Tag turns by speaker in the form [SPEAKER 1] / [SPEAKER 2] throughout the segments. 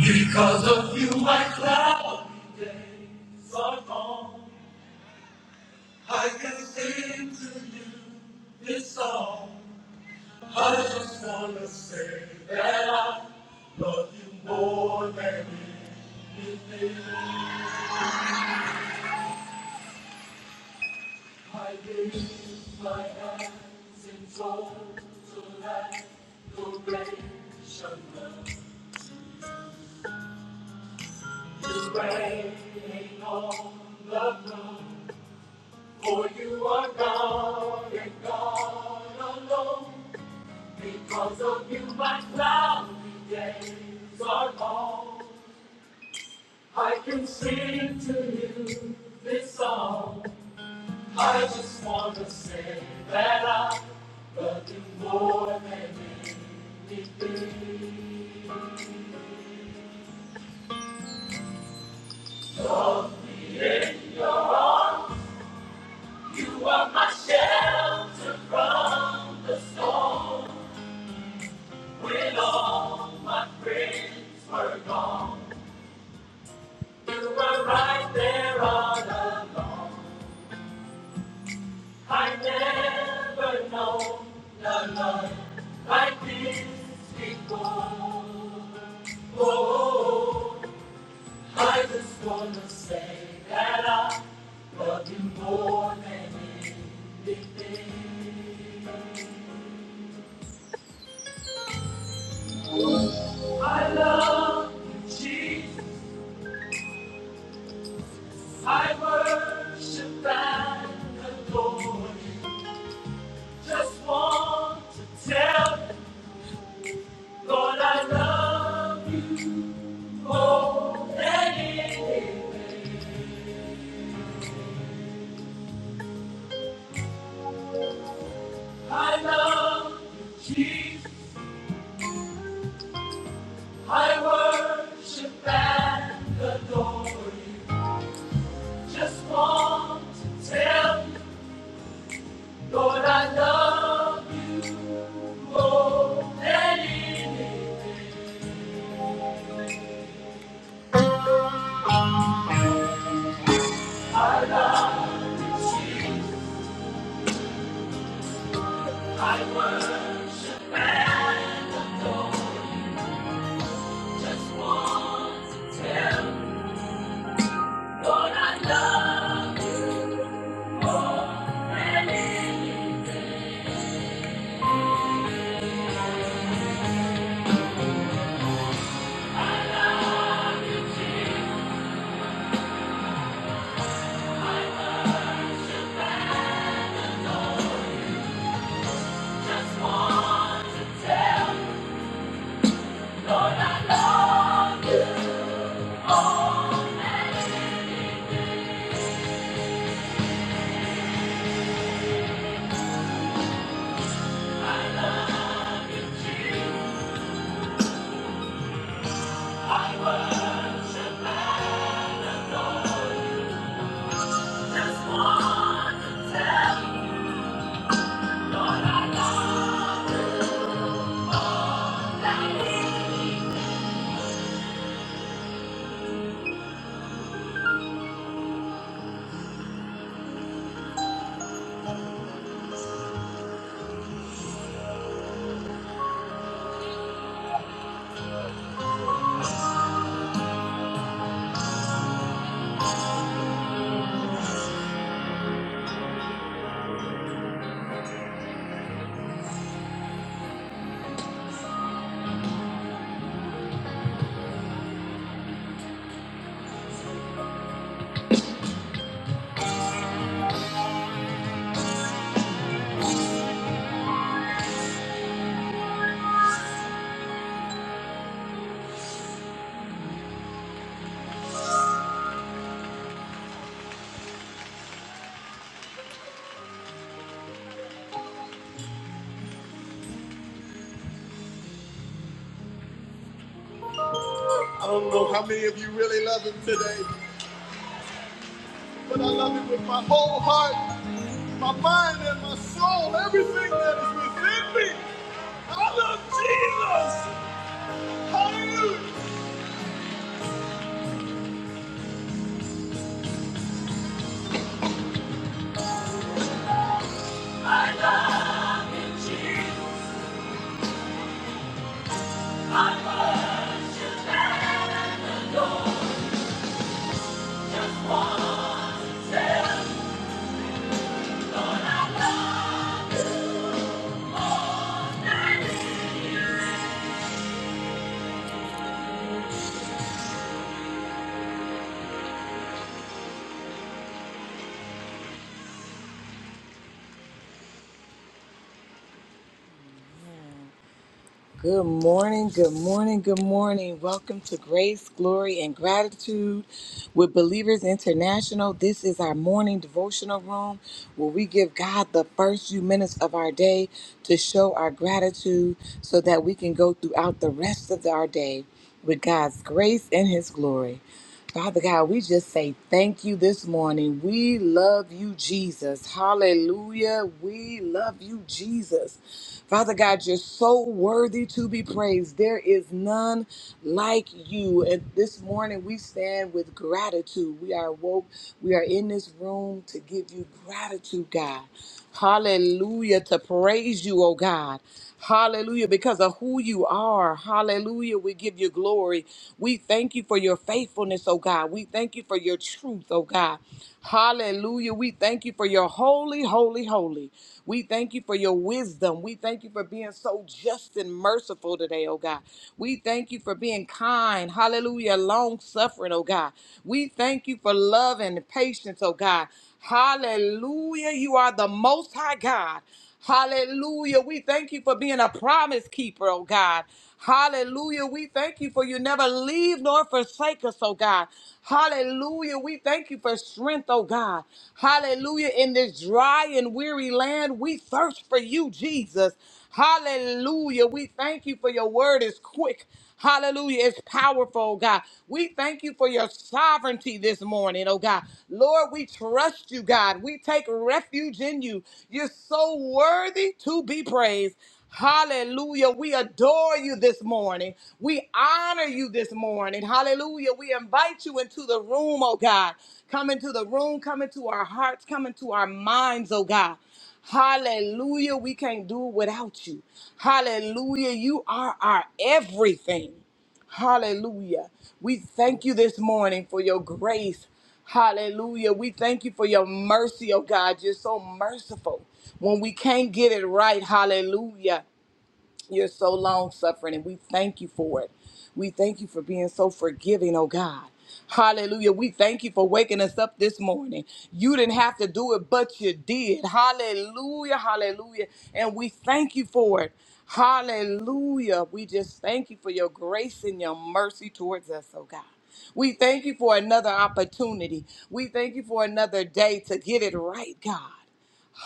[SPEAKER 1] Because of you, my clouds are gone. I can sing to you this song. I just wanna say that I love you more than anything. I gave my hands and soul to total adoration. You reign on the throne, for you are God and God alone. Because of you, my cloudy days are long. I can sing to you this song. I just want to say that I love you more than anything. Of me in your arms, you are my shelter from the storm. When all my friends were gone, you were right there all along. I never known the love like this before. Oh, I just wanna say that I love you more than anything. I love you, Jesus. I worship and adore you. Just want to tell you, Lord, I love you. I love you, Jesus. I worship and adore you. Just want to tell you, Lord, I love you more than anything. I love you, Jesus. I worship and adore you. Just want to tell you, Lord, I love you, and I just want to tell you. I don't know how many of you really love him today, but I love him with my whole heart, my mind, and my soul, everything that is within me. I love Jesus. Hallelujah. Good morning, good morning, good morning. Welcome to Grace, Glory, and Gratitude with Believers International. This is our morning devotional room where we give God the first few minutes of our day to show our gratitude so that we can go throughout the rest of our day with God's grace and His glory. Father God, we just say thank you this morning. We love you, Jesus. Hallelujah. We love you, Jesus. Father God, you're so worthy to be praised. There is none like you. And this morning we stand with gratitude. We are woke. We are in this room to give you gratitude, God. Hallelujah. To praise you, oh God. Hallelujah. Because of who you are. Hallelujah. We give you glory. We thank you for your faithfulness, oh God. We thank you for your truth, oh God. Hallelujah. We thank you for your holy, holy, holy. We thank you for your wisdom. We thank you for being so just and merciful today, oh God. We thank you for being kind. Hallelujah. Long suffering, oh God. We thank you for love and patience, oh God. Hallelujah. You are the most high God. Hallelujah. We thank you for being a promise keeper, oh God. Hallelujah. We thank you for you never leave nor forsake us, oh God. Hallelujah. We thank you for strength, oh God. Hallelujah. In this dry and weary land, we thirst for you, Jesus. Hallelujah. We thank you for your word is quick. Hallelujah. It's powerful, oh God. We thank you for your sovereignty this morning, oh God. Lord, we trust you, God. We take refuge in you. You're so worthy to be praised. Hallelujah. We adore you this morning. We honor you this morning. Hallelujah. We invite you into the room, oh God. Come into the room, come into our hearts, come into our minds, oh God. Hallelujah. We can't do it without you. Hallelujah. You are our everything. Hallelujah. We thank you this morning for your grace. Hallelujah. We thank you for your mercy, oh God. You're so merciful when we can't get it right. Hallelujah. You're so long suffering, and we thank you for it. We thank you for being so forgiving, oh God. Hallelujah. We thank you for waking us up this morning. You didn't have to do it, but you did. Hallelujah. Hallelujah. And we thank you for it. Hallelujah. We just thank you for your grace and your mercy towards us, oh God. We thank you for another opportunity. We thank you for another day to get it right, God.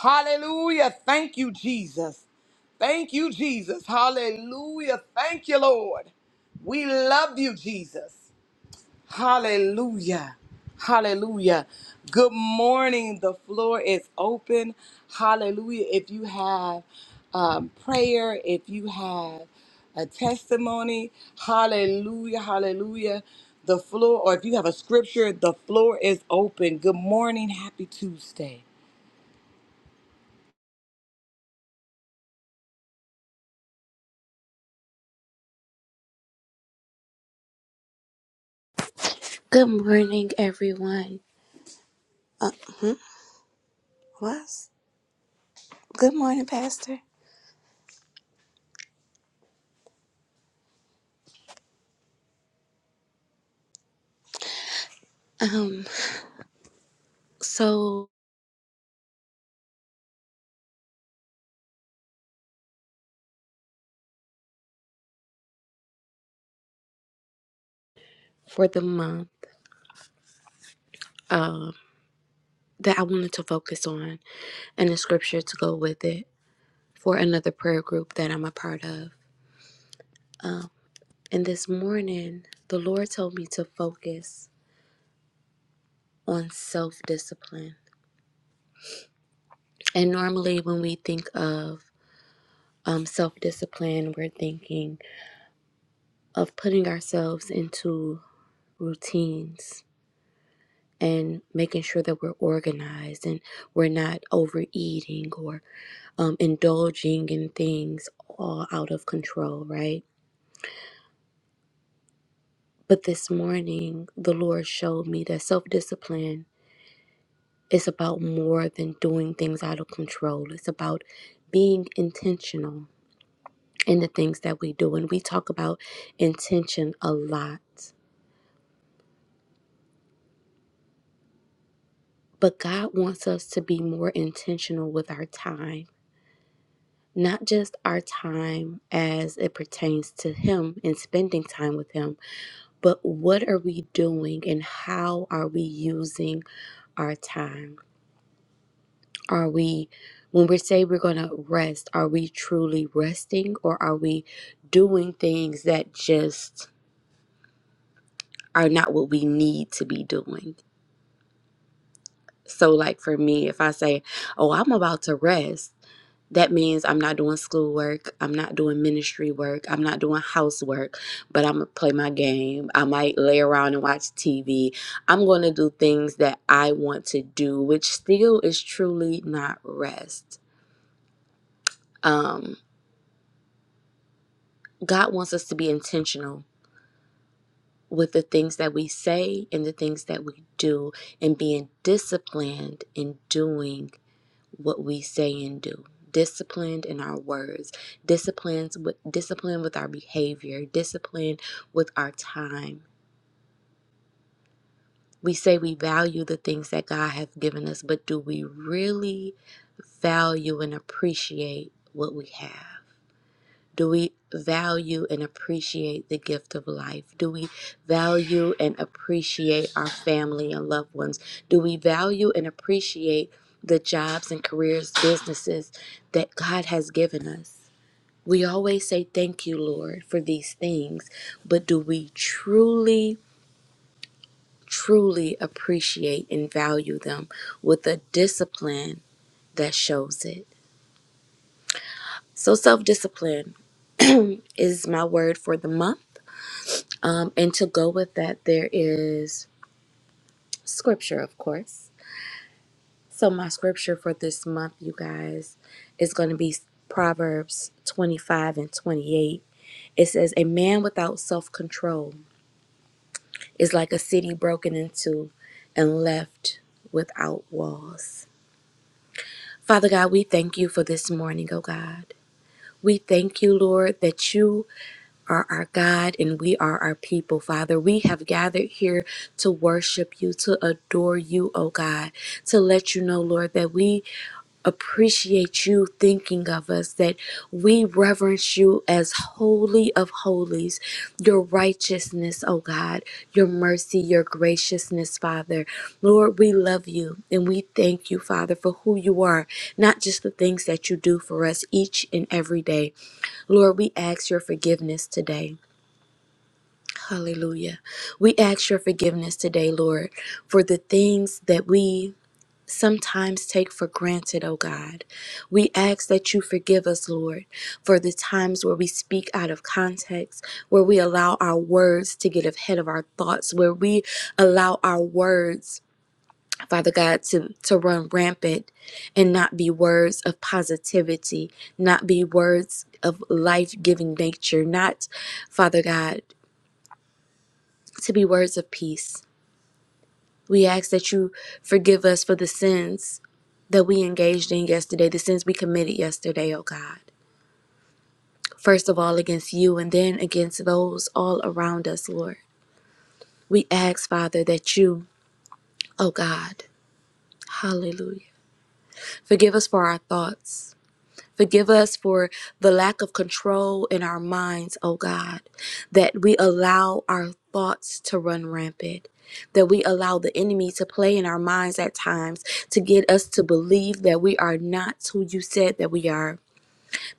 [SPEAKER 1] Hallelujah. Thank you, Jesus. Thank you, Jesus. Hallelujah. Thank you, Lord. We love you, Jesus. Hallelujah. Hallelujah. Good morning. The floor is open. Hallelujah. If you have um, prayer, if you have a testimony, hallelujah, hallelujah. The floor, or if you have a scripture, the floor is open. Good morning. Happy Tuesday.
[SPEAKER 2] Good morning, everyone. Uh, hmm, what? Good morning, Pastor. Um, so for the month, um, that I wanted to focus on and the scripture to go with it for another prayer group that I'm a part of. Um, and this morning, the Lord told me to focus on self discipline. And normally, when we think of um, self discipline, we're thinking of putting ourselves into routines and making sure that we're organized and we're not overeating or um, indulging in things all out of control, right? But this morning, the Lord showed me that self discipline is about more than doing things out of control, it's about being intentional in the things that we do. And we talk about intention a lot. But God wants us to be more intentional with our time not just our time as it pertains to Him and spending time with Him, but what are we doing and how are we using our time? Are we, when we say we're going to rest, are we truly resting or are we doing things that just are not what we need to be doing? So, like for me, if I say, Oh, I'm about to rest That means I'm not doing schoolwork, I'm not doing ministry work, I'm not doing housework, but I'm gonna play my game. I might lay around and watch TV. I'm gonna do things that I want to do, which still is truly not rest. Um, God wants us to be intentional with the things that we say and the things that we do and being disciplined in doing what we say and do. Disciplined in our words, disciplines with discipline with our behavior, discipline with our time. We say we value the things that God has given us, but do we really value and appreciate what we have? Do we value and appreciate the gift of life? Do we value and appreciate our family and loved ones? Do we value and appreciate the jobs and careers, businesses that God has given us? We always say thank you, Lord, for these things, but do we truly, truly appreciate and value them with a discipline that shows it? So, self discipline is my word for the month. Um, and to go with that, there is scripture, of course. So, my scripture for this month, you guys, is going to be Proverbs 25 and 28. It says, A man without self control is like a city broken into and left without walls. Father God, we thank you for this morning, oh God. We thank you, Lord, that you are our God and we are our people, Father. We have gathered here to worship you, to adore you, oh God, to let you know, Lord, that we appreciate you thinking of us, that we reverence you as holy of holies, your righteousness, oh God, your mercy, your graciousness, Father. Lord, we love you and we thank you, Father, for who you are, not just the things that you do for us each and every day. Lord, we ask your forgiveness today. Hallelujah. We ask your forgiveness today, Lord, for the things that we sometimes take for granted, oh God. We ask that you forgive us, Lord, for the times where we speak out of context, where we allow our words to get ahead of our thoughts, where we allow our words Father God, to, to run rampant and not be words of positivity, not be words of life giving nature, not, Father God, to be words of peace. We ask that you forgive us for the sins that we engaged in yesterday, the sins we committed yesterday, oh God. First of all, against you, and then against those all around us, Lord. We ask, Father, that you, oh God, hallelujah, forgive us for our thoughts. Forgive us for the lack of control in our minds, oh God, that we allow our thoughts to run rampant, that we allow the enemy to play in our minds at times to get us to believe that we are not who you said that we are.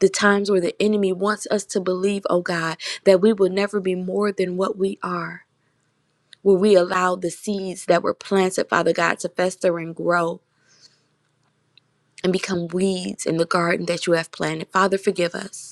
[SPEAKER 2] The times where the enemy wants us to believe, oh God, that we will never be more than what we are. Where we allow the seeds that were planted, Father God, to fester and grow and become weeds in the garden that you have planted. Father, forgive us.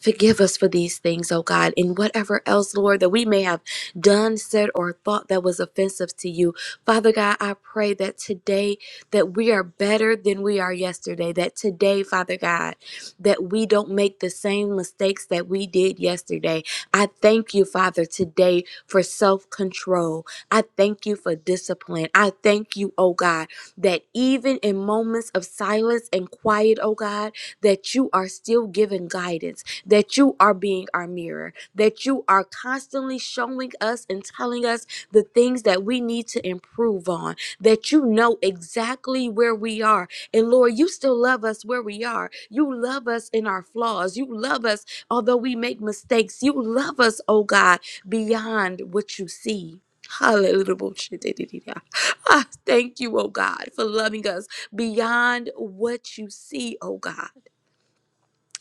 [SPEAKER 2] Forgive us for these things, oh God, and whatever else, Lord, that we may have done, said, or thought that was offensive to you. Father God, I pray that today that we are better than we are yesterday. That today, Father God, that we don't make the same mistakes that we did yesterday. I thank you, Father, today for self-control. I thank you for discipline. I thank you, oh God, that even in moments of silence and quiet, oh God, that you are still giving guidance that you are being our mirror, that you are constantly showing us and telling us the things that we need to improve on, that you know exactly where we are. And Lord, you still love us where we are. You love us in our flaws. You love us although we make mistakes. You love us, oh God, beyond what you see. Hallelujah. Ah, Thank you, oh God, for loving us beyond what you see, oh God.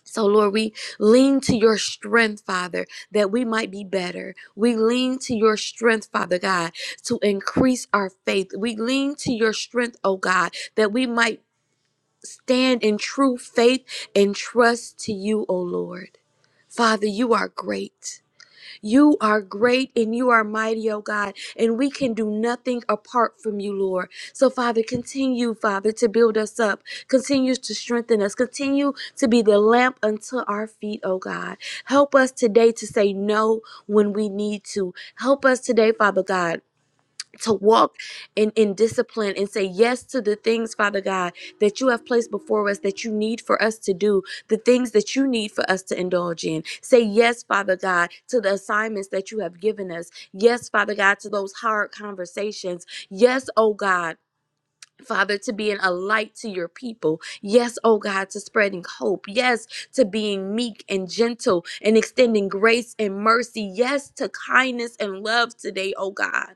[SPEAKER 2] So, Lord, we lean to your strength, Father, that we might be better. We lean to your strength, Father God, to increase our faith. We lean to your strength, oh God, that we might stand in true faith and trust to you, oh Lord. Father, you are great. You are great and you are mighty, oh God, and we can do nothing apart from you, Lord. So, Father, continue, Father, to build us up, continue to strengthen us, continue to be the lamp unto our feet, oh God. Help us today to say no when we need to. Help us today, Father God to walk in, in discipline and say yes to the things, Father God, that you have placed before us that you need for us to do, the things that you need for us to indulge in. Say yes, Father God, to the assignments that you have given us. Yes, Father God, to those hard conversations. Yes, oh God. Father, to being a light to your people. Yes, oh God, to spreading hope. Yes, to being meek and gentle and extending grace and mercy. Yes, to kindness and love today, oh God.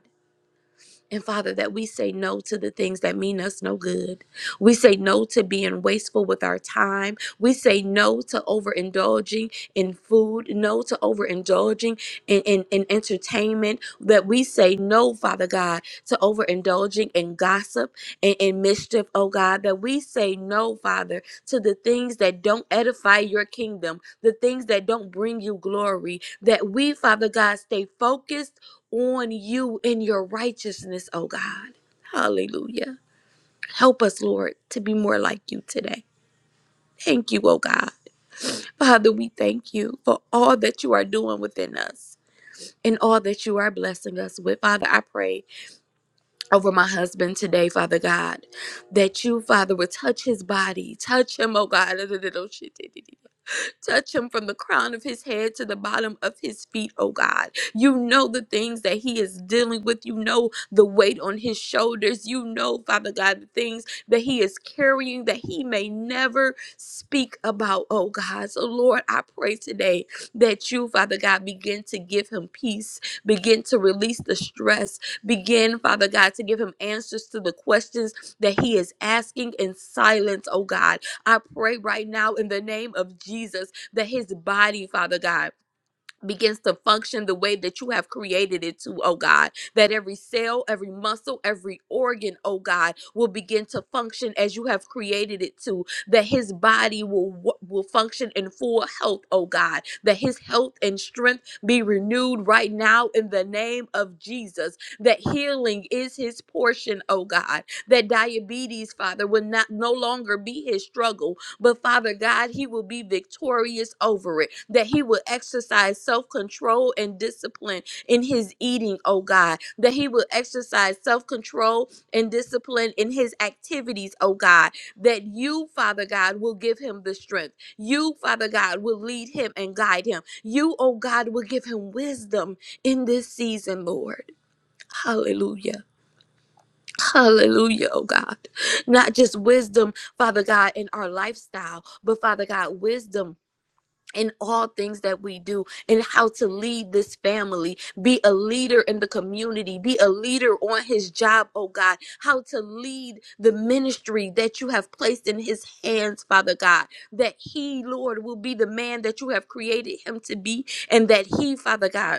[SPEAKER 2] And Father, that we say no to the things that mean us no good. We say no to being wasteful with our time. We say no to overindulging in food, no to overindulging in, in, in entertainment. That we say no, Father God, to overindulging in gossip and, in mischief, oh God. That we say no, Father, to the things that don't edify your kingdom, the things that don't bring you glory. That we, Father God, stay focused on you in your righteousness, oh God. Hallelujah. Help us, Lord, to be more like you today. Thank you, oh God. Father, we thank you for all that you are doing within us and all that you are blessing us with. Father, I pray over my husband today, Father God, that you, Father, would touch his body, touch him, oh God. Touch him from the crown of his head to the bottom of his feet, oh God. You know the things that he is dealing with. You know the weight on his shoulders. You know, Father God, the things that he is carrying that he may never speak about, oh God. So, Lord, I pray today that you, Father God, begin to give him peace, begin to release the stress, begin, Father God, to give him answers to the questions that he is asking in silence, oh God. I pray right now in the name of Jesus that his body, Father God, begins to function the way that you have created it to, oh God. That every cell, every muscle, every organ, oh God, will begin to function as you have created it to. That his body will wo- will function in full health, oh God. That his health and strength be renewed right now in the name of Jesus. That healing is his portion, oh God. That diabetes, Father, will not no longer be his struggle, but Father God, he will be victorious over it, that he will exercise self control and discipline in his eating, oh God, that he will exercise self control and discipline in his activities, oh God, that you, Father God, will give him the strength. You, Father God, will lead him and guide him. You, oh God, will give him wisdom in this season, Lord. Hallelujah. Hallelujah, oh God. Not just wisdom, Father God, in our lifestyle, but Father God, wisdom in all things that we do and how to lead this family, be a leader in the community, be a leader on his job, oh God, how to lead the ministry that you have placed in his hands, Father God, that he, Lord, will be the man that you have created him to be, and that he, Father God,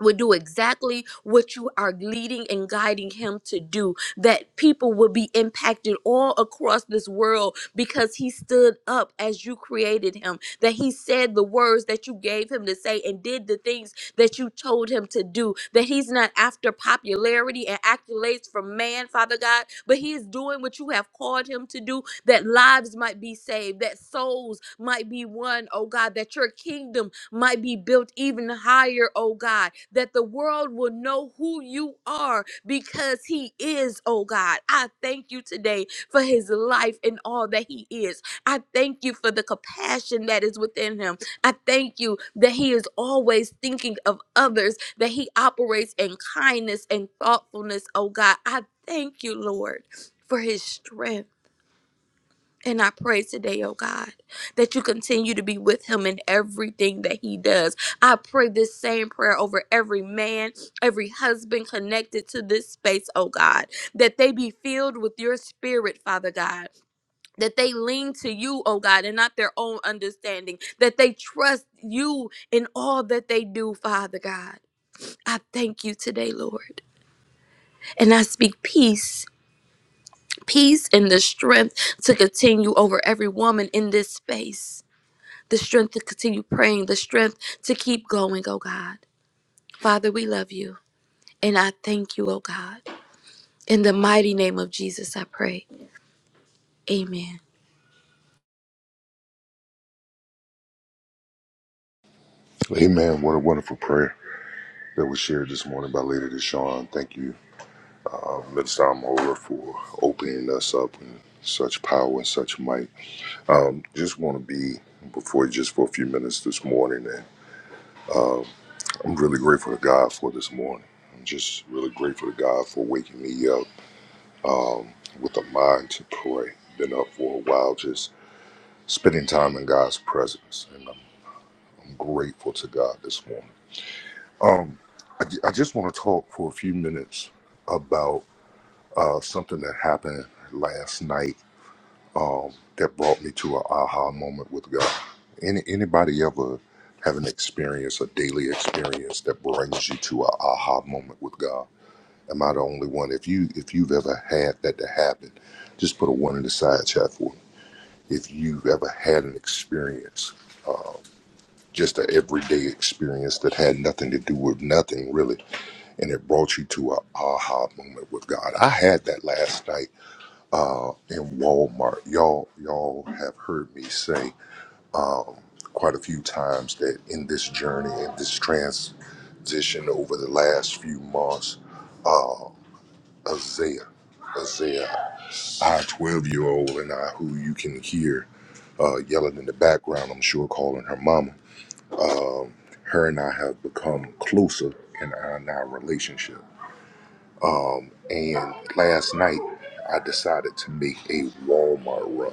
[SPEAKER 2] will do exactly what you are leading and guiding him to do that people will be impacted all across this world because he stood up as you created him that he said the words that you gave him to say and did the things that you told him to do that he's not after popularity and accolades from man father god but he is doing what you have called him to do that lives might be saved, that souls might be won, oh God, that your kingdom might be built even higher, oh God, that the world will know who you are because he is, oh God. I thank you today for his life and all that he is. I thank you for the compassion that is within him. I thank you that he is always thinking of others, that he operates in kindness and thoughtfulness, oh God. I thank you, Lord, for his strength. And I pray today, oh God, that you continue to be with him in everything that he does. I pray this same prayer over every man, every husband connected to this space, oh God, that they be filled with your spirit, Father God. That they lean to you, oh God, and not their own understanding. That they trust you in all that they do, Father God. I thank you today, Lord. And I speak peace, peace and the strength to continue over every woman in this space the strength to continue praying, the strength to keep going, oh God. Father, we love you and I thank you, oh God. In the mighty name of Jesus, I pray. Amen.
[SPEAKER 3] Amen. What a wonderful prayer that was shared this morning by Lady Deshawn. Thank you, Mr. Amola, for opening us up in such power and such might. Um, just want to be before you just for a few minutes this morning, and I'm really grateful to God for this morning. I'm just really grateful to God for waking me up with a mind to pray. Been up for a while, just spending time in God's presence, and I'm, I'm grateful to God this morning. Um, I, I just want to talk for a few minutes about. uh, something that happened last night um, that brought me to an aha moment with God. Any anybody ever have an experience, a daily experience that brings you to an aha moment with God? Am I the only one? If you if you've ever had that to happen, just put a one in the side chat for me. If you've ever had an experience, just an everyday experience that had nothing to do with nothing really, and it brought you to an aha moment with God. I had that last night uh, in Walmart. Y'all, y'all have heard me say um, quite a few times that in this journey, in this transition over the last few months, uh, Isaiah, Isaiah, our 12 year old and I, who you can hear uh, yelling in the background, I'm sure calling her mama, um, her and I have become closer in our, in our relationship. And last night, I decided to make a Walmart run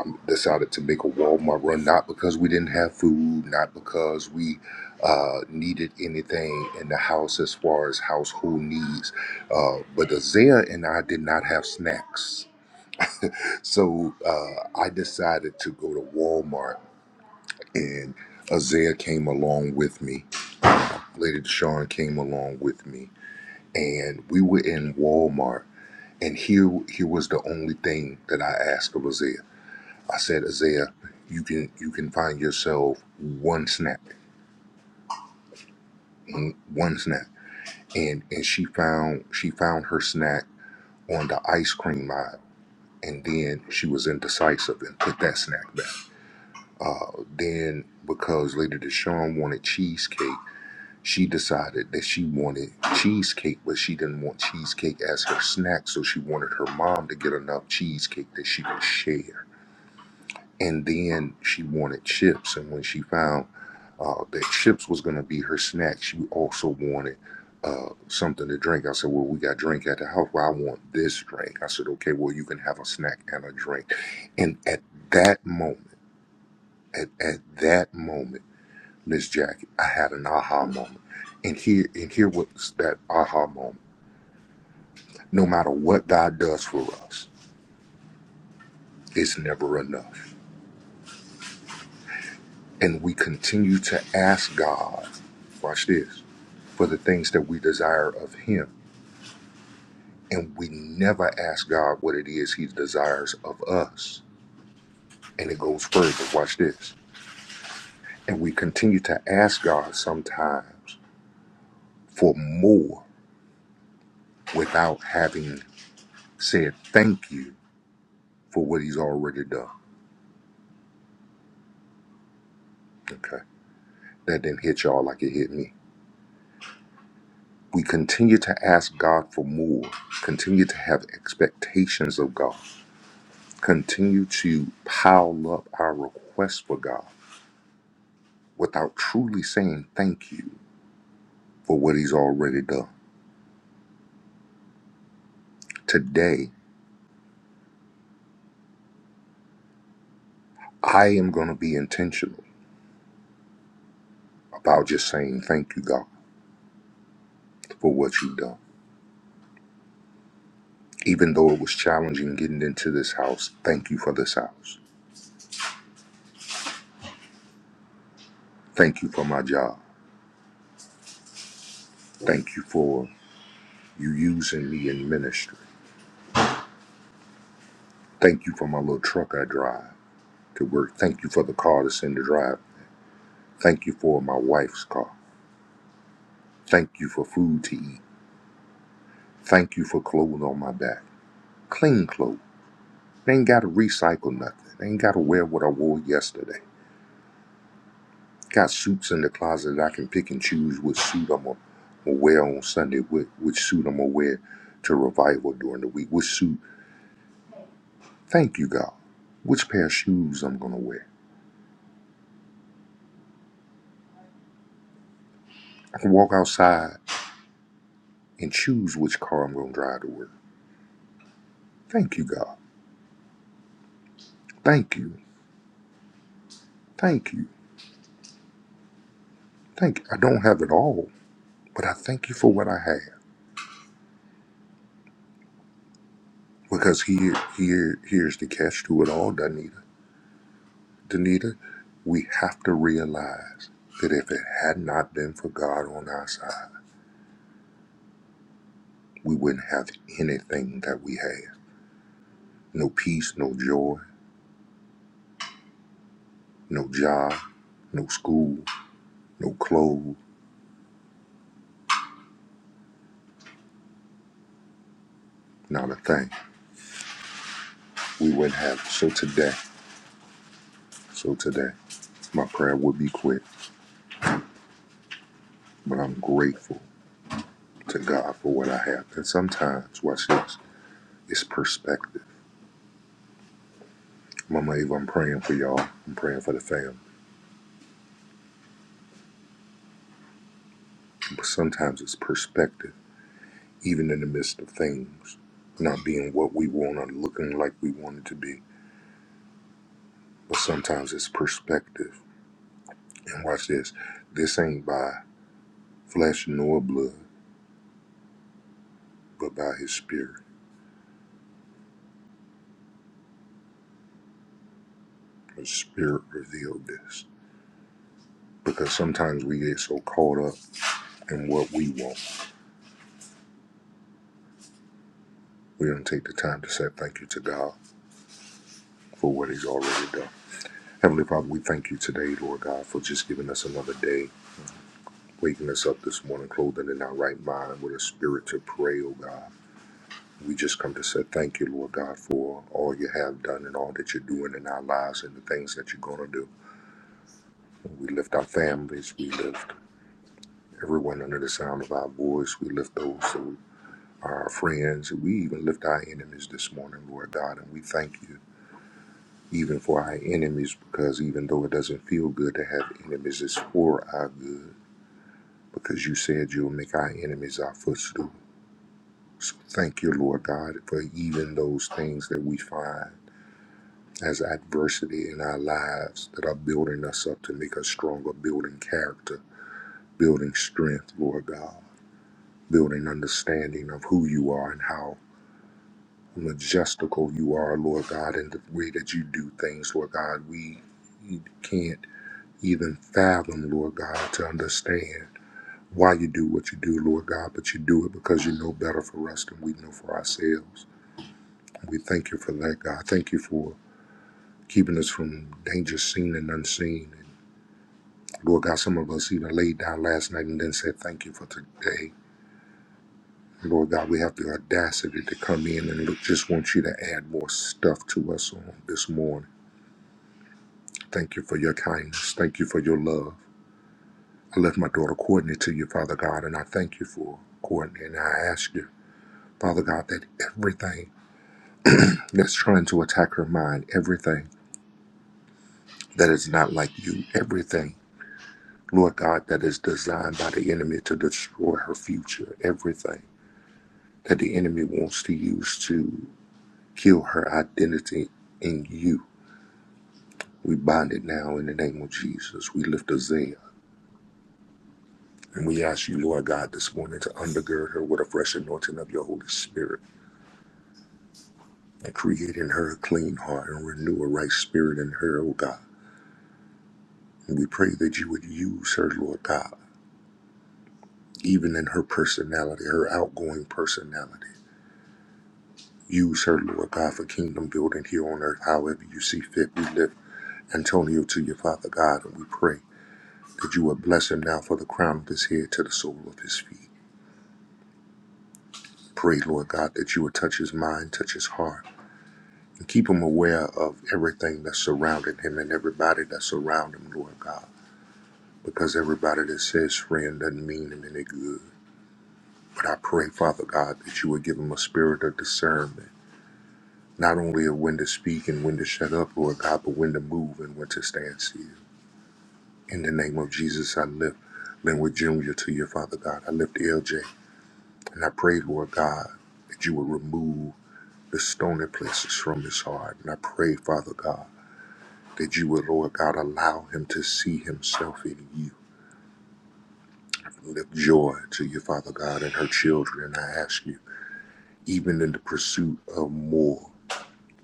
[SPEAKER 3] um, decided to make a Walmart run, not because we didn't have food, not because we uh, needed anything in the house as far as household needs, uh, but Isaiah and I did not have snacks. So uh, I decided to go to Walmart, and Isaiah came along with me. Lady Deshawn came along with me, and we were in Walmart. And here, here was the only thing that I asked of Isaiah. I said, Isaiah, you can you can find yourself one snack, mm, one snack, and and she found she found her snack on the ice cream aisle, and then she was indecisive and put that snack back. Uh, then because Lady Deshawn wanted cheesecake, she decided that she wanted cheesecake, but she didn't want cheesecake as her snack, so she wanted her mom to get enough cheesecake that she could share. and then she wanted chips and when she found uh, that chips was going to be her snack she also wanted uh, something to drink i said well we got drink at the house well i want this drink i said okay well you can have a snack and a drink and at that moment at, at that moment miss jackie i had an aha moment and here and here was that aha moment no matter what god does for us it's never enough and we continue to ask god watch this for the things that we desire of Him. And we never ask God what it is He desires of us. And it goes further. Watch this. And we continue to ask God sometimes for more without having said thank you for what He's already done. Okay. That didn't hit y'all like it hit me. We continue to ask God for more, continue to have expectations of God, continue to pile up our requests for God without truly saying thank you for what he's already done. Today, I am going to be intentional about just saying thank you, God, for what you've done. Even though it was challenging getting into this house, thank you for this house. Thank you for my job. Thank you for you using me in ministry. Thank you for my little truck I drive to work. Thank you for the car that's in the drive. Thank you for my wife's car. Thank you for food to eat. Thank you for clothes on my back. Clean clothes. They ain't got to recycle nothing. They ain't got to wear what I wore yesterday. Got suits in the closet. I can pick and choose which suit I'm going to wear on Sunday, which, which suit I'm going to wear to revival during the week, which suit, thank you, God, which pair of shoes I'm going to wear. I can walk outside and choose which car I'm going to drive to work. Thank you, God. Thank you. Thank you. Thank you. I don't have it all, but I thank you for what I have because here, here, here's the catch to it all, doesn't it? Danita, we have to realize that if it had not been for God on our side, we wouldn't have anything that we have. No peace, no joy, no job, no school, no clothes, not a thing. We wouldn't have. So today, so today, my prayer would be quick, but I'm grateful to God for what I have. And sometimes, watch this, it's perspective. Mama Eva, I'm praying for y'all. I'm praying for the fam. But sometimes it's perspective even in the midst of things not being what we want or looking like we want it to be. But sometimes it's perspective. And watch this this ain't by flesh nor blood, but by his spirit. The spirit revealed this. Because sometimes we get so caught up in what we want, we don't take the time to say thank you to God for what he's already done. Heavenly Father, we thank you today, Lord God, for just giving us another day, waking us up this morning, clothing in our right mind with a spirit to pray, oh God We just come to say thank you, Lord God, for all you have done and all that you're doing in our lives and the things that you're going to do. We lift our families. We lift everyone under the sound of our voice. We lift those who are our friends. We even lift our enemies this morning, Lord God, and we thank you even for our enemies because even though it doesn't feel good to have enemies, it's for our good because you said you'll make our enemies our footstool. So thank you, Lord God, for even those things that we find. as adversity in our lives that are building us up to make us stronger, building character, building strength, Lord God, building understanding of who you are and how majestical you are, Lord God, and the way that you do things, Lord God. We can't even fathom, Lord God, to understand why you do what you do, Lord God, but you do it because you know better for us than we know for ourselves. We thank you for that, God. Thank you for keeping us from danger seen and unseen Lord God, some of us even laid down last night and then said, Thank you for today. Lord God, we have the audacity to come in and look, just want you to add more stuff to us on this morning. Thank you for your kindness. Thank you for your love. I left my daughter Courtney to you, Father God, and I thank you for Courtney. And I ask you, Father God, that everything that's trying to attack her mind, everything that is not like you, everything, Lord God, that is designed by the enemy to destroy her future, everything. that the enemy wants to use to kill her identity in you. We bind it now in the name of Jesus. We lift Isaiah and we ask you, Lord God, this morning to undergird her with a fresh anointing of your Holy Spirit and create in her a clean heart and renew a right spirit in her, oh God. And we pray that you would use her, Lord God, even in her personality, her outgoing personality. Use her, Lord God, for kingdom building here on earth, however you see fit. We lift Antonio to your Father God, and we pray. that you would bless him now for the crown of his head to the sole of his feet. Pray, Lord God, that you would touch his mind, touch his heart, and keep him aware of everything that's surrounding him and everybody that's around him, Lord God. Because everybody that says friend doesn't mean him any good. But I pray, Father God, that you would give him a spirit of discernment, not only of when to speak and when to shut up, Lord God, but when to move and when to stand still. In the name of Jesus, I lift Linwood Jr. to you, Father God. I lift LJ And I pray, Lord God, that you would remove the stony places from his heart. And I pray, Father God, that you would, Lord God, allow him to see himself in you. Lift joy to you, Father God, and her children. And I ask you, even in the pursuit of more,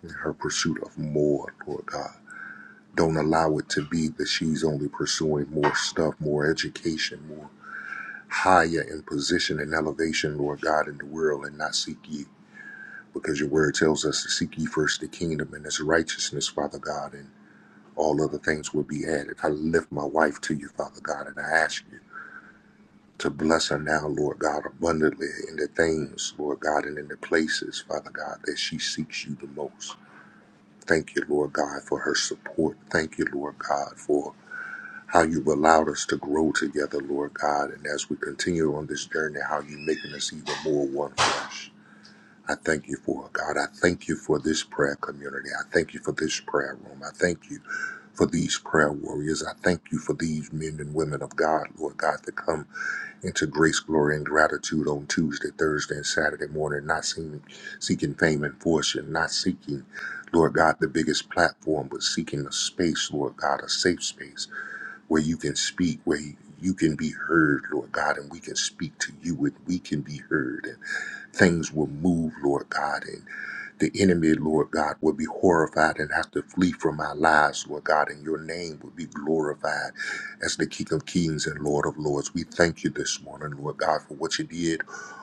[SPEAKER 3] in her pursuit of more, Lord God, don't allow it to be that she's only pursuing more stuff, more education, more higher in position and elevation, Lord God, in the world and not seek you. because your word tells us to seek ye first the kingdom and its righteousness, Father God, and all other things will be added. I lift my wife to you, Father God, and I ask you to bless her now, Lord God, abundantly in the things, Lord God, and in the places, Father God, that she seeks you the most. Thank you, Lord God, for her support. Thank you, Lord God, for how you've allowed us to grow together, Lord God, and as we continue on this journey, how you're making us even more one flesh. I thank you for it, God. I thank you for this prayer community. I thank you for this prayer room. I thank you for these prayer warriors. I thank you for these men and women of God, Lord God, that come into grace, glory, and gratitude on Tuesday, Thursday, and Saturday morning, not seeking, seeking fame and fortune, not seeking, Lord God, the biggest platform, but seeking a space, Lord God, a safe space where you can speak, where you can be heard, Lord God, and we can speak to you and we can be heard. And things will move, Lord God, the enemy, Lord God, will be horrified and have to flee from our lives, Lord God, and your name will be glorified as the King of Kings and Lord of Lords. We thank you this morning, Lord God, for what you did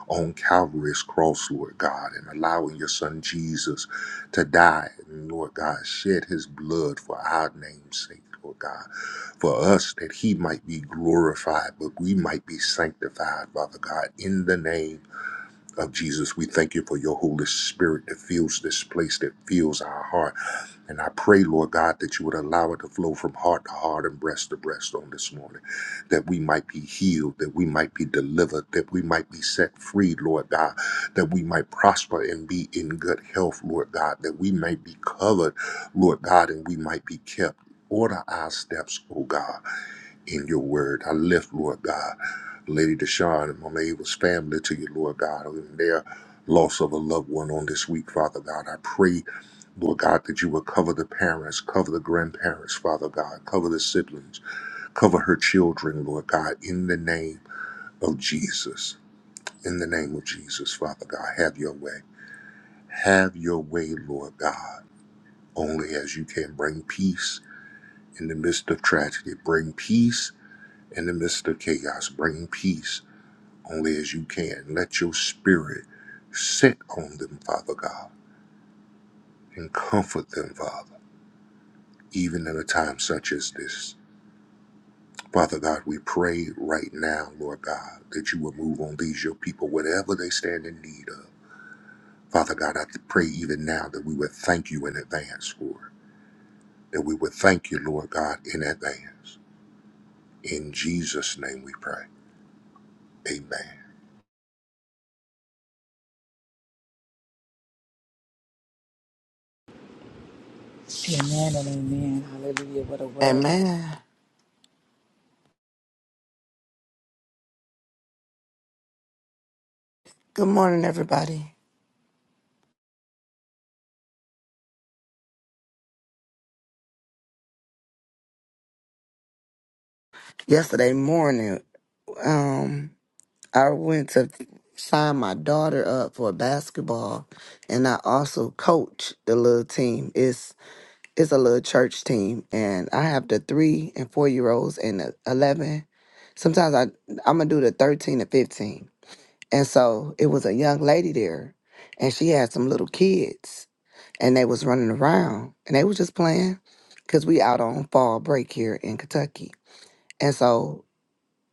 [SPEAKER 3] on Calvary's cross, Lord God, and allowing your son Jesus to die. And Lord God, shed his blood for our name's sake, Lord God for us that he might be glorified, but we might be sanctified, Father God, in the name of Jesus. We thank you for your Holy Spirit that fills this place, that fills our heart. And I pray, Lord God, that you would allow it to flow from heart to heart and breast to breast on this morning, that we might be healed, that we might be delivered, that we might be set free, Lord God, that we might prosper and be in good health, Lord God, that we might be covered, Lord God, and we might be kept. Order our steps, O God, in your word. I lift, Lord God. Lady Deshawn and Mama Ava's family to you, Lord God, and their loss of a loved one on this week, Father God. I pray, Lord God, that you will cover the parents, cover the grandparents, Father God, cover the siblings, cover her children, Lord God, in the name of Jesus. In the name of Jesus, Father God, have your way. Have your way, Lord God, only as you can bring peace in the midst of tragedy, bring peace in the midst of chaos, bring peace only as you can. Let your spirit sit on them, Father God, and comfort them, Father, even in a time such as this. Father God, we pray right now, Lord God, that you will move on these, your people, whatever they stand in need of. Father God, I pray even now that we would thank you in advance for it, that we would thank you, Lord God, in advance. In Jesus' name we pray. Amen.
[SPEAKER 1] Amen and amen. Hallelujah. What a word.
[SPEAKER 4] Amen. Good morning, everybody. Yesterday morning, um, I went to sign my daughter up for basketball, and I also coach the little team. It's it's a little church team, and I have the three and four year olds and the eleven. Sometimes I I'm gonna do the thirteen to fifteen, and so it was a young lady there, and she had some little kids. and they was running around and they was just playing because we out on fall break here in Kentucky. And so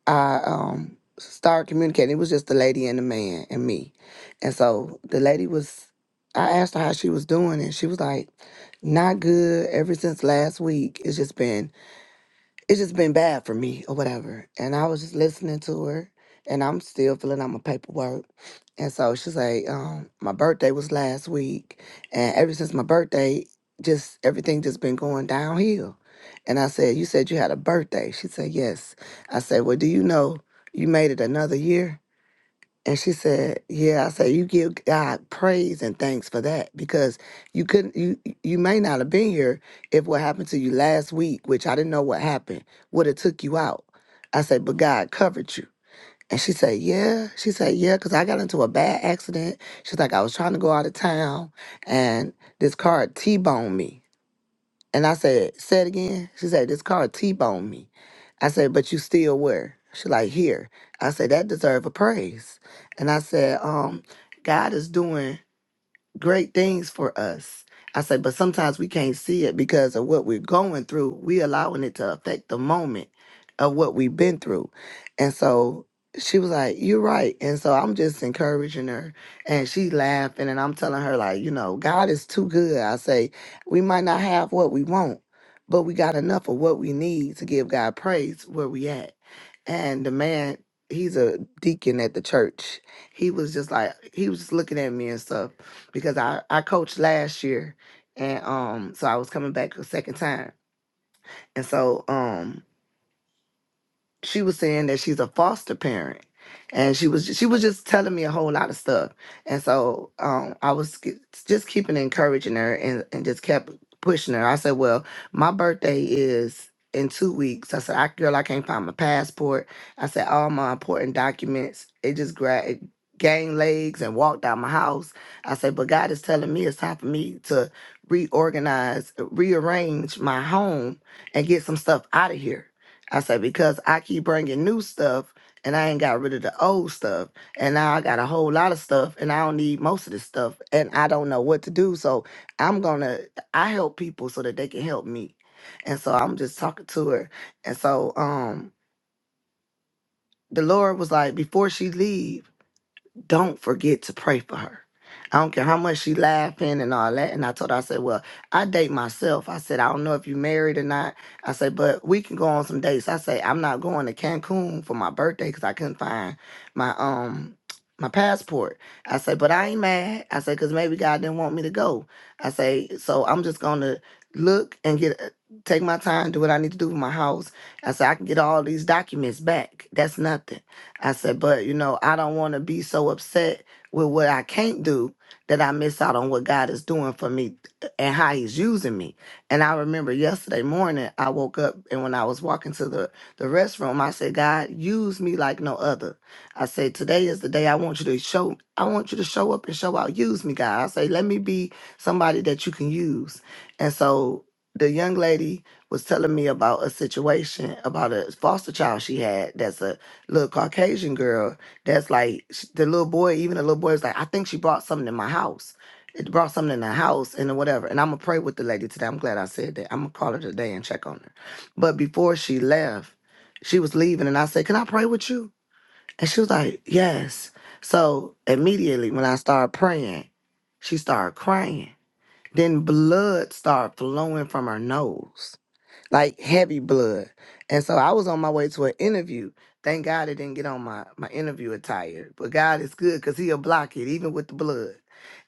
[SPEAKER 4] I um started communicating. It was just the lady and the man and me. And so the lady was I asked her how she was doing and she was like, not good ever since last week. It's just been it's just been bad for me or whatever. And I was just listening to her and I'm still filling out my paperwork. And so she's like, um, my birthday was last week and ever since my birthday, just everything just been going downhill. And I said, You said you had a birthday. She said, Yes. I said, Well, do you know you made it another year? And she said, "Yeah." I said, "You give God praise and thanks for that because you couldn't. You you may not have been here if what happened to you last week, which I didn't know what happened, would have took you out." I said, "But God covered you." And she said, "Yeah." She said, "Yeah," because I got into a bad accident. She's like, "I was trying to go out of town, and this car t-boned me." And I said, say it again. She said, this car T-boned me. I said, but you still where? She like, here. I said, that deserve a praise. And I said, um, God is doing great things for us. I say, but sometimes we can't see it because of what we're going through. We allowing it to affect the moment of what we've been through. And so she was like, You're right. And so I'm just encouraging her. And she laughing and I'm telling her, like, you know, God is too good. I say, we might not have what we want, but we got enough of what we need to give God praise where we at. And the man, he's a deacon at the church. He was just like, he was just looking at me and stuff because I, I coached last year and um so I was coming back a second time. And so um she was saying that she's a foster parent and she was she was just telling me a whole lot of stuff and so um i was ke- just keeping encouraging her and, and just kept pushing her i said well my birthday is in two weeks i said i girl i can't find my passport i said all my important documents it just grabbed it gained legs and walked out my house i said but god is telling me it's time for me to reorganize rearrange my home and get some stuff out of here I said, because I keep bringing new stuff and I ain't got rid of the old stuff. And now I got a whole lot of stuff and I don't need most of this stuff and I don't know what to do. So I'm going to, I help people so that they can help me. And so I'm just talking to her. And so um, the Lord was like, before she leave don't forget to pray for her. I don't care how much she laughing and all that. And I told her, I said, well, I date myself. I said, I don't know if you married or not. I said, but we can go on some dates. I say, I'm not going to Cancun for my birthday because I couldn't find my um my passport. I say, but I ain't mad. I say, because maybe God didn't want me to go. I say, so I'm just gonna look and get uh, take my time, do what I need to do with my house. I say, I can get all these documents back. That's nothing. I said, but you know, I don't want to be so upset with what I can't do that I miss out on what God is doing for me and how He's using me. And I remember yesterday morning, I woke up and when I was walking to the, the restroom, I said, God, use me like no other. I said, today is the day I want you to show, I want you to show up and show out. Use me, God. I say, let me be somebody that you can use. And so the young lady was telling me about a situation about a foster child she had that's a little Caucasian girl that's like sh- the little boy, even the little boy is like, I think she brought something in my house. It brought something in the house and then whatever. And I'm gonna pray with the lady today. I'm glad I said that. I'm gonna call her today and check on her. But before she left, she was leaving and I said, Can I pray with you? And she was like, Yes. So immediately when I started praying, she started crying. Then blood started flowing from her nose like heavy blood. And so I was on my way to an interview. Thank God it didn't get on my, my interview attire. But God is good because he'll block it, even with the blood.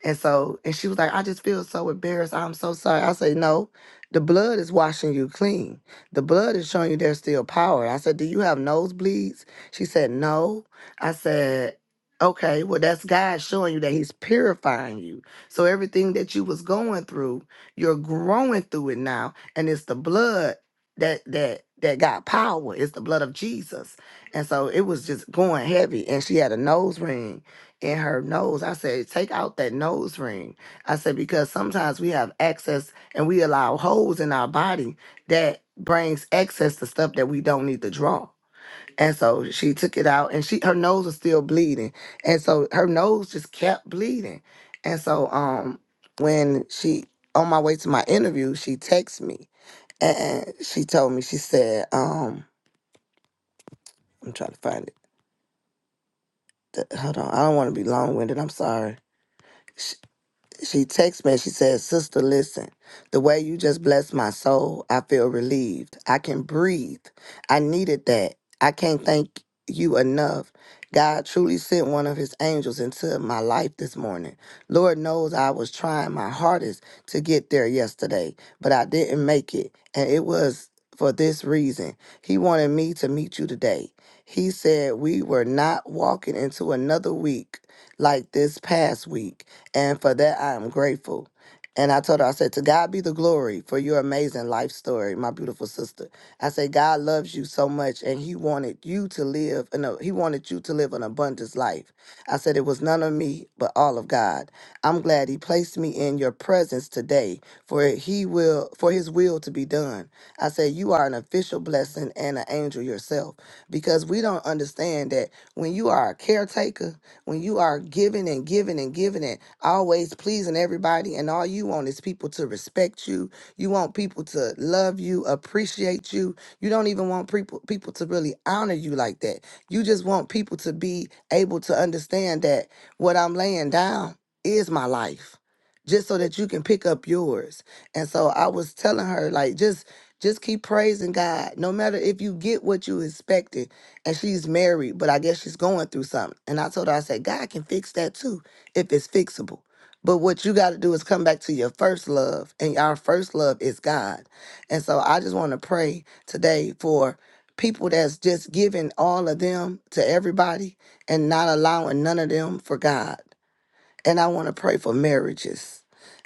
[SPEAKER 4] And so, and she was like, I just feel so embarrassed. I'm so sorry. I say, No, the blood is washing you clean. The blood is showing you there's still power. I said, Do you have nosebleeds? She said, No. I said, Okay, well, that's God showing you that He's purifying you. So everything that you was going through, you're growing through it now and it's the blood that that that got power it's the blood of jesus and so it was just going heavy and she had a nose ring in her nose i said take out that nose ring i said because sometimes we have access and we allow holes in our body that brings access to stuff that we don't need to draw and so she took it out and she her nose was still bleeding and so her nose just kept bleeding and so um when she on my way to my interview she texted me and she told me, she said, um, I'm trying to find it. The- Hold on. I don't want to be long winded. I'm sorry. she texts me she says, Sister, listen, the way you just blessed my soul, I feel relieved. I can breathe. I needed that. I can't thank you enough. God truly sent one of his angels into my life this morning. Lord knows I was trying my hardest to get there yesterday, but I didn't make it. And it was for this reason. He wanted me to meet you today. He said we were not walking into another week like this past week. And for that, I am grateful. And I told her, I said, To God be the glory for your amazing life story, my beautiful sister. I said, God loves you so much, and He wanted you to live, no, He wanted you to live an abundant life. I said, It was none of me, but all of God. I'm glad He placed me in your presence today for He will, for His will to be done. I said, You are an official blessing and an angel yourself because we don't understand that when you are a caretaker, when you are giving and giving and giving and always pleasing everybody, and all you want is people to respect you, you want people to love you, appreciate you. You don't even want people people to really honor you like that. You just want people to be able to understand that what I'm laying down is my life. Just so that you can pick up yours. And so I was telling her, like, just just keep praising God. No matter if you get what you expected and she's married, but I guess she's going through something. And I told her, I said, God can fix that too if it's fixable. But what you got to do is come back to your first love, and our first love is God. And so I just want to pray today for people that's just giving all of them to everybody and not allowing none of them for God and I want to pray for marriages.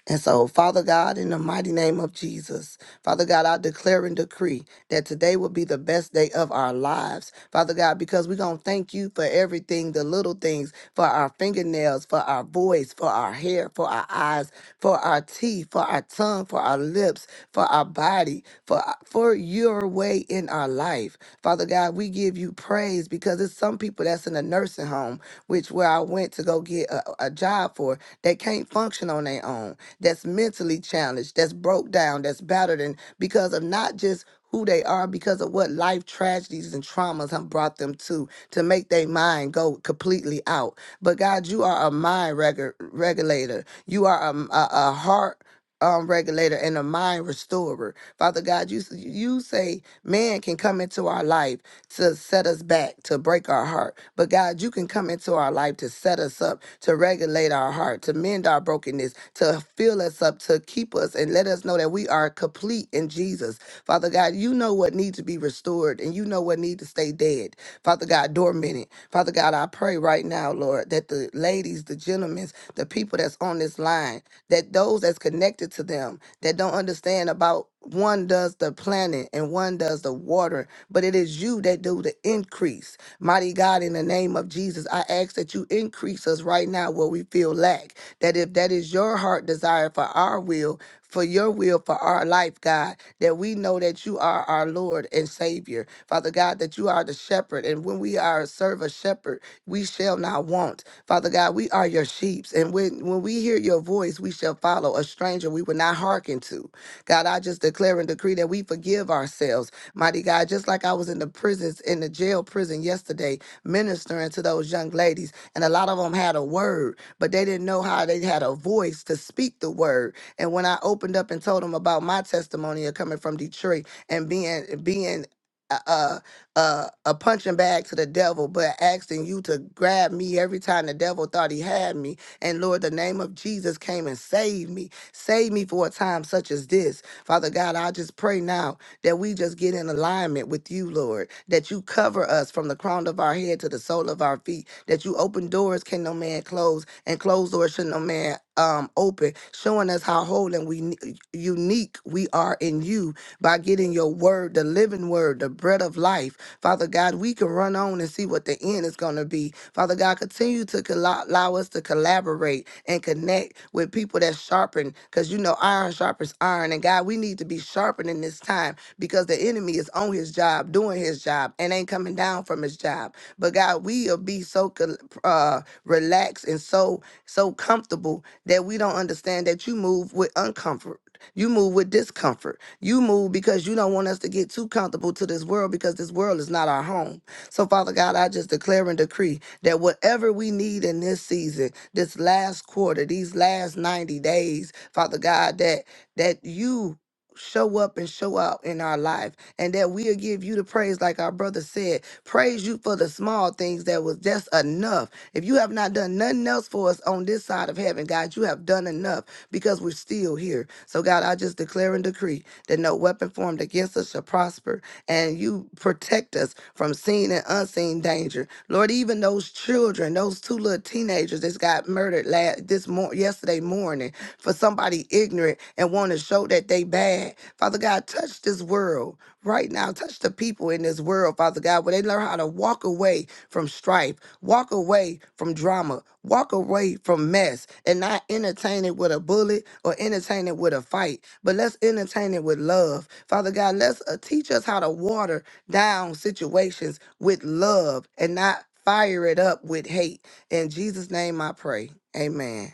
[SPEAKER 4] And so, Father God, in the mighty name of Jesus, Father God, I declare and decree that today will be the best day of our lives, Father God, because we're going to thank you for everything the little things, for our fingernails, for our voice, for our hair, for our eyes, for our teeth, for our tongue, for our lips, for our body, for, for your way in our life. Father God, we give you praise because it's some people that's in a nursing home which where I went to go get a, a job for, that can't function on their own, that's mentally challenged, that's broke down, that's battered, and because of not just who they are, because of what life tragedies and traumas have brought them to, to make their mind go completely out. But God, you are a mind regu- regulator. You are a, a, a heart um, regulator and a mind restorer. Father God, you s- you say man can come into our life to set us back, to break our heart. But God, you can come into our life to set us up, to regulate our heart, to mend our brokenness, to fill us up, to keep us and let us know that we are complete in Jesus. Father God, you know what needs to be restored and you know what needs to stay dead. Father God, dormant. Father God, I pray right now, Lord, that the ladies, the gentlemen, the people that's on this line, that those that's connected to them, that don't understand about one does the planting and one does the watering but it is you that do the increase. Mighty God, in the name of Jesus, I ask that you increase us right now where we feel lack. That if that is your heart desire for our will, for your will for our life, God, that we know that you are our Lord and Savior. Father God, that you are the shepherd. And when we are serve a shepherd, we shall not want. Father God, we are your sheeps. And when, when we hear your voice, we shall follow a stranger we will not hearken to. God, I just declare and decree that we forgive ourselves Mighty God, just like I was in the prisons, in the jail prison yesterday, ministering to those young ladies, and a lot of them had a word, but they didn't know how they had a voice to speak the word. And when I opened up and told them about my testimony of coming from Detroit and being being a, a, a a punching bag to the devil, but asking you to grab me every time the devil thought he had me. And Lord, the name of Jesus came and saved me. Save me for a time such as this. Father God, I just pray now that we just get in alignment with you, Lord, that you cover us from the crown of our head to the sole of our feet, that you open doors can no man close, and closed doors should no man um open, showing us how whole and we unique we are in you by getting your word, the living word, the bread of life. Father God, we can run on and see what the end is going to be. Father God, continue to colla- allow us to collaborate and connect with people that sharpen, because you know iron sharpens iron. And God, we need to be sharpened in this time because the enemy is on his job, doing his job, and ain't coming down from his job. But God, we'll be so col- uh, relaxed and so so comfortable that we don't understand that you move with uncomfort. You move with discomfort. You move because you don't want us to get too comfortable to this world because this world is not our home. So, Father God, I just declare and decree that whatever we need in this season, this last quarter, these last 90 days, Father God, that that you show up and show out in our life and that we'll give you the praise like our brother said praise you for the small things that was just enough if you have not done nothing else for us on this side of heaven god you have done enough because we're still here so god i just declare and decree that no weapon formed against us shall prosper and you protect us from seen and unseen danger lord even those children those two little teenagers that got murdered last this mor- yesterday morning for somebody ignorant and want to show that they bad. Father God, touch this world right now. Touch the people in this world, Father God, where they learn how to walk away from strife, walk away from drama, walk away from mess, and not entertain it with a bullet or entertain it with a fight. But let's entertain it with love. Father God, let's uh, teach us how to water down situations with love and not fire it up with hate. In Jesus' name I pray. Amen.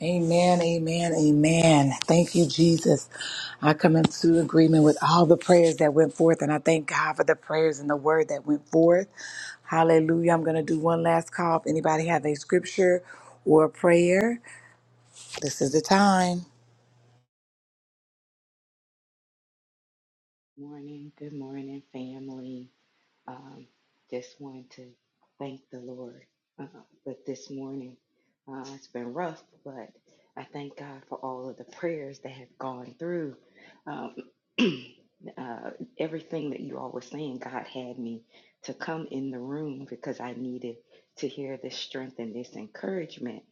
[SPEAKER 1] Amen, amen, amen. Thank you, Jesus. I come into agreement with all the prayers that went forth, and I thank God for the prayers and the word that went forth. Hallelujah. I'm going to do one last call. If anybody have a scripture or a prayer, this is the time.
[SPEAKER 5] Morning, good morning, family. Um, just wanted to thank the Lord. Uh, but this morning, uh, it's been rough, but I thank God for all of the prayers that have gone through. Um, uh, everything that you all were saying, God had me to come in the room because I needed to hear this strength and this encouragement.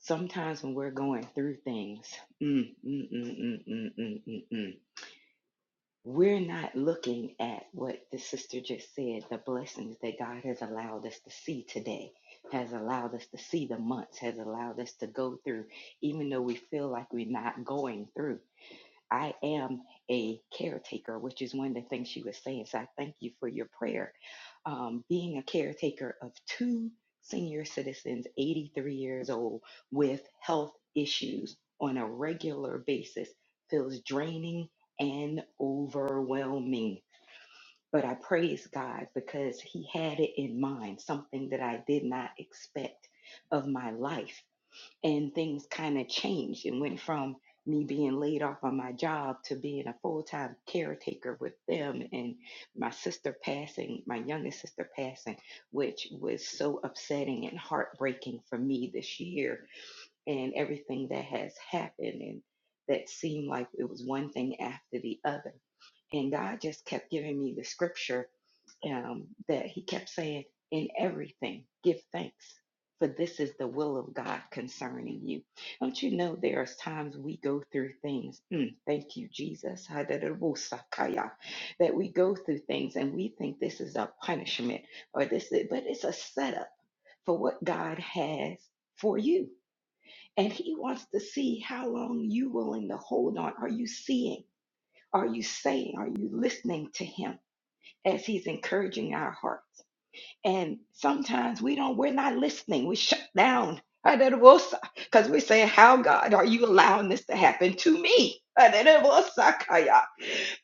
[SPEAKER 5] Sometimes when we're going through things, mm, mm, mm, mm, mm, mm, mm, mm, mm we're not looking at what the sister just said, the blessings that God has allowed us to see today, has allowed us to see the months, has allowed us to go through, even though we feel like we're not going through. I am a caretaker, which is one of the things she was saying. So I thank you for your prayer um, being a caretaker of two senior citizens, 83 years old, with health issues on a regular basis feels draining and overwhelming. But I praise God because He had it in mind, something that I did not expect of my life and things kind of changed and went from me being laid off on my job to being a full-time caretaker with them and my sister passing my youngest sister passing which was so upsetting and heartbreaking for me this year and everything that has happened and that seemed like it was one thing after the other and god just kept giving me the scripture um, that he kept saying, In everything, give thanks, for this is the will of God concerning you. Don't you know there are times we go through things? Mm, thank you, Jesus. That we go through things and we think this is a punishment or this, is, but it's a setup for what God has for you. And he wants to see how long you willing to hold on. Are you seeing? Are you saying? Are you listening to him as he's encouraging our heart? And sometimes we don't, we're not listening. We shut down. Because we're saying, How God are you allowing this to happen to me?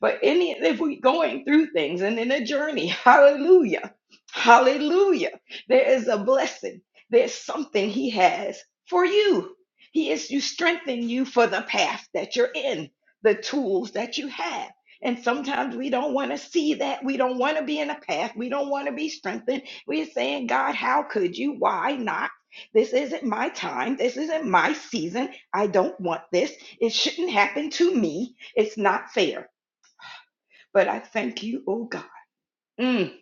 [SPEAKER 5] But any if we're going through things and in a journey, hallelujah. Hallelujah. There is a blessing. There's something he has for you. He is you strengthen you for the path that you're in, the tools that you have. And sometimes we don't want to see that. We don't want to be in a path. We don't want to be strengthened. We're saying, God, how could you? Why not? This isn't my time. This isn't my season. I don't want this. It shouldn't happen to me. It's not fair. But I thank you, oh God, mm,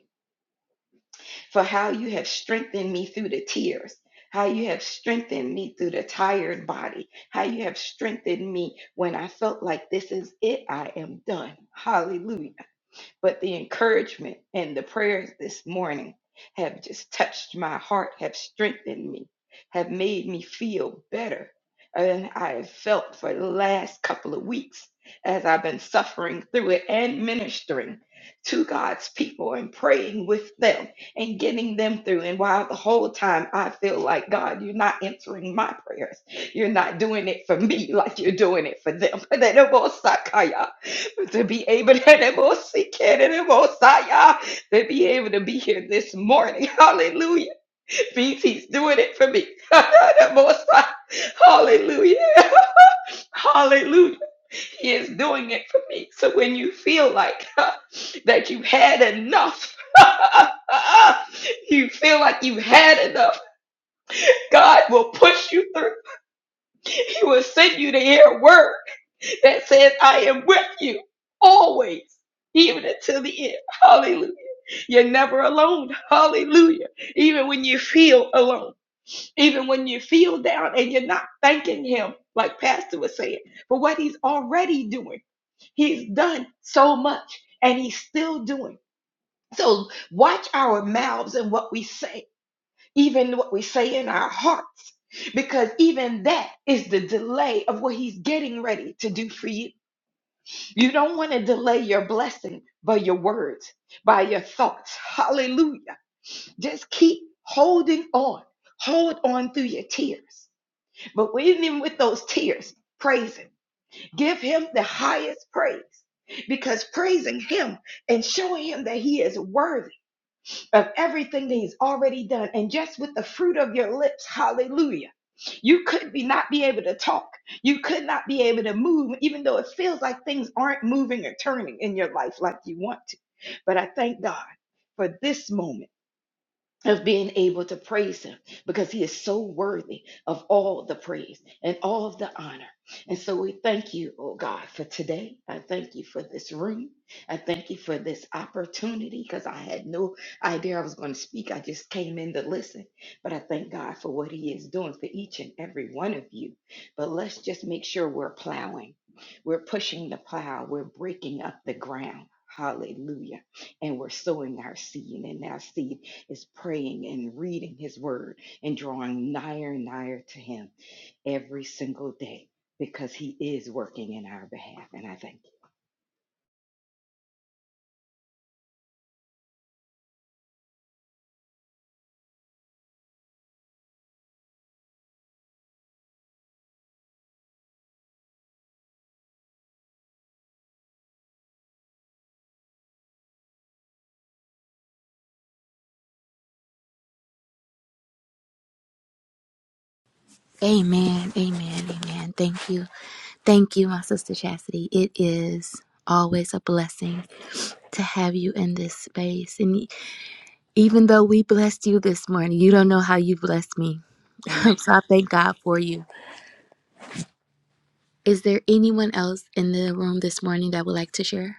[SPEAKER 5] for how you have strengthened me through the tears, how you have strengthened me through the tired body, how you have strengthened me when I felt like this is it, I am done. Hallelujah. But the encouragement and the prayers this morning have just touched my heart, have strengthened me, have made me feel better than I have felt for the last couple of weeks as I've been suffering through it and ministering to God's people and praying with them and getting them through. And while the whole time I feel like, God, you're not answering my prayers. You're not doing it for me like you're doing it for them. to be able to seek it and Messiah, to be able to be here this morning. Hallelujah. BT's doing it for me. The Messiah. Hallelujah. Hallelujah. He is doing it for me. So when you feel like that you've had enough, you feel like you've had enough, God will push you through. He will send you to hear a word that says, I am with you always, even until the end. Hallelujah. You're never alone. Hallelujah. Even when you feel alone, even when you feel down and you're not thanking Him, like Pastor was saying, for what He's already doing. He's done so much and He's still doing. So watch our mouths and what we say, even what we say in our hearts, because even that is the delay of what He's getting ready to do for you. You don't want to delay your blessing by your words, by your thoughts. Hallelujah. Just keep holding on. Hold on through your tears. But even with those tears, praise Him. Give Him the highest praise because praising Him and showing Him that He is worthy of everything that he's already done and just with the fruit of your lips hallelujah you could be not be able to talk you could not be able to move even though it feels like things aren't moving or turning in your life like you want to but i thank god for this moment of being able to praise him because he is so worthy of all the praise and all of the honor. And so we thank you, oh God, for today. I thank you for this room. I thank you for this opportunity because I had no idea I was going to speak. I just came in to listen. But I thank God for what he is doing for each and every one of you. But let's just make sure we're plowing, we're pushing the plow, we're breaking up the ground. Hallelujah. And we're sowing our seed, and our seed is praying and reading his word and drawing nigher and nigher to him every single day because he is working in our behalf. And I thank you.
[SPEAKER 2] Amen. Amen. Amen. Thank you. Thank you, my sister Chastity. It is always a blessing to have you in this space. And e, even though we blessed you this morning, you don't know how you blessed me. so
[SPEAKER 1] Amen.
[SPEAKER 2] I thank God for you. Is there anyone else in the room this morning that would like to share?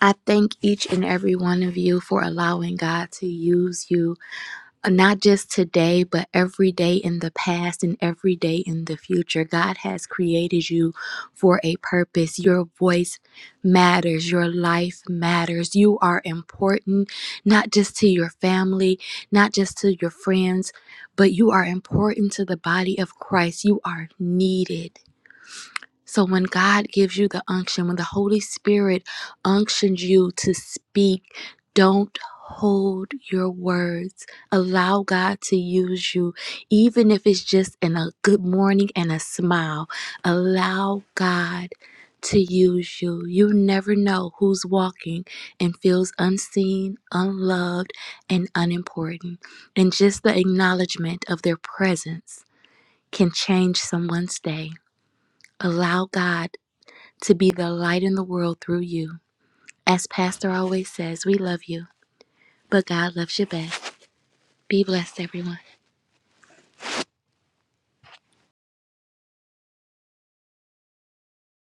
[SPEAKER 2] I thank each and every one of you for allowing God to use you, uh, not just today, but every day in the past and every day in the future. God has created you for a purpose. Your voice matters, your life matters. You are important, not just to your family, not just to your friends, but you are important to the body of Christ. You are needed. So when God gives you the unction, when the Holy Spirit unctions you to speak, don't hold your words. Allow God to use you, even if it's just in a good morning and a smile. Allow God to use you. You never know who's walking and feels unseen, unloved, and unimportant. And just the acknowledgement of their presence can change someone's day. Allow God to be the light in the world through you. As Pastor always says, we love you, but God loves you best. Be blessed, everyone.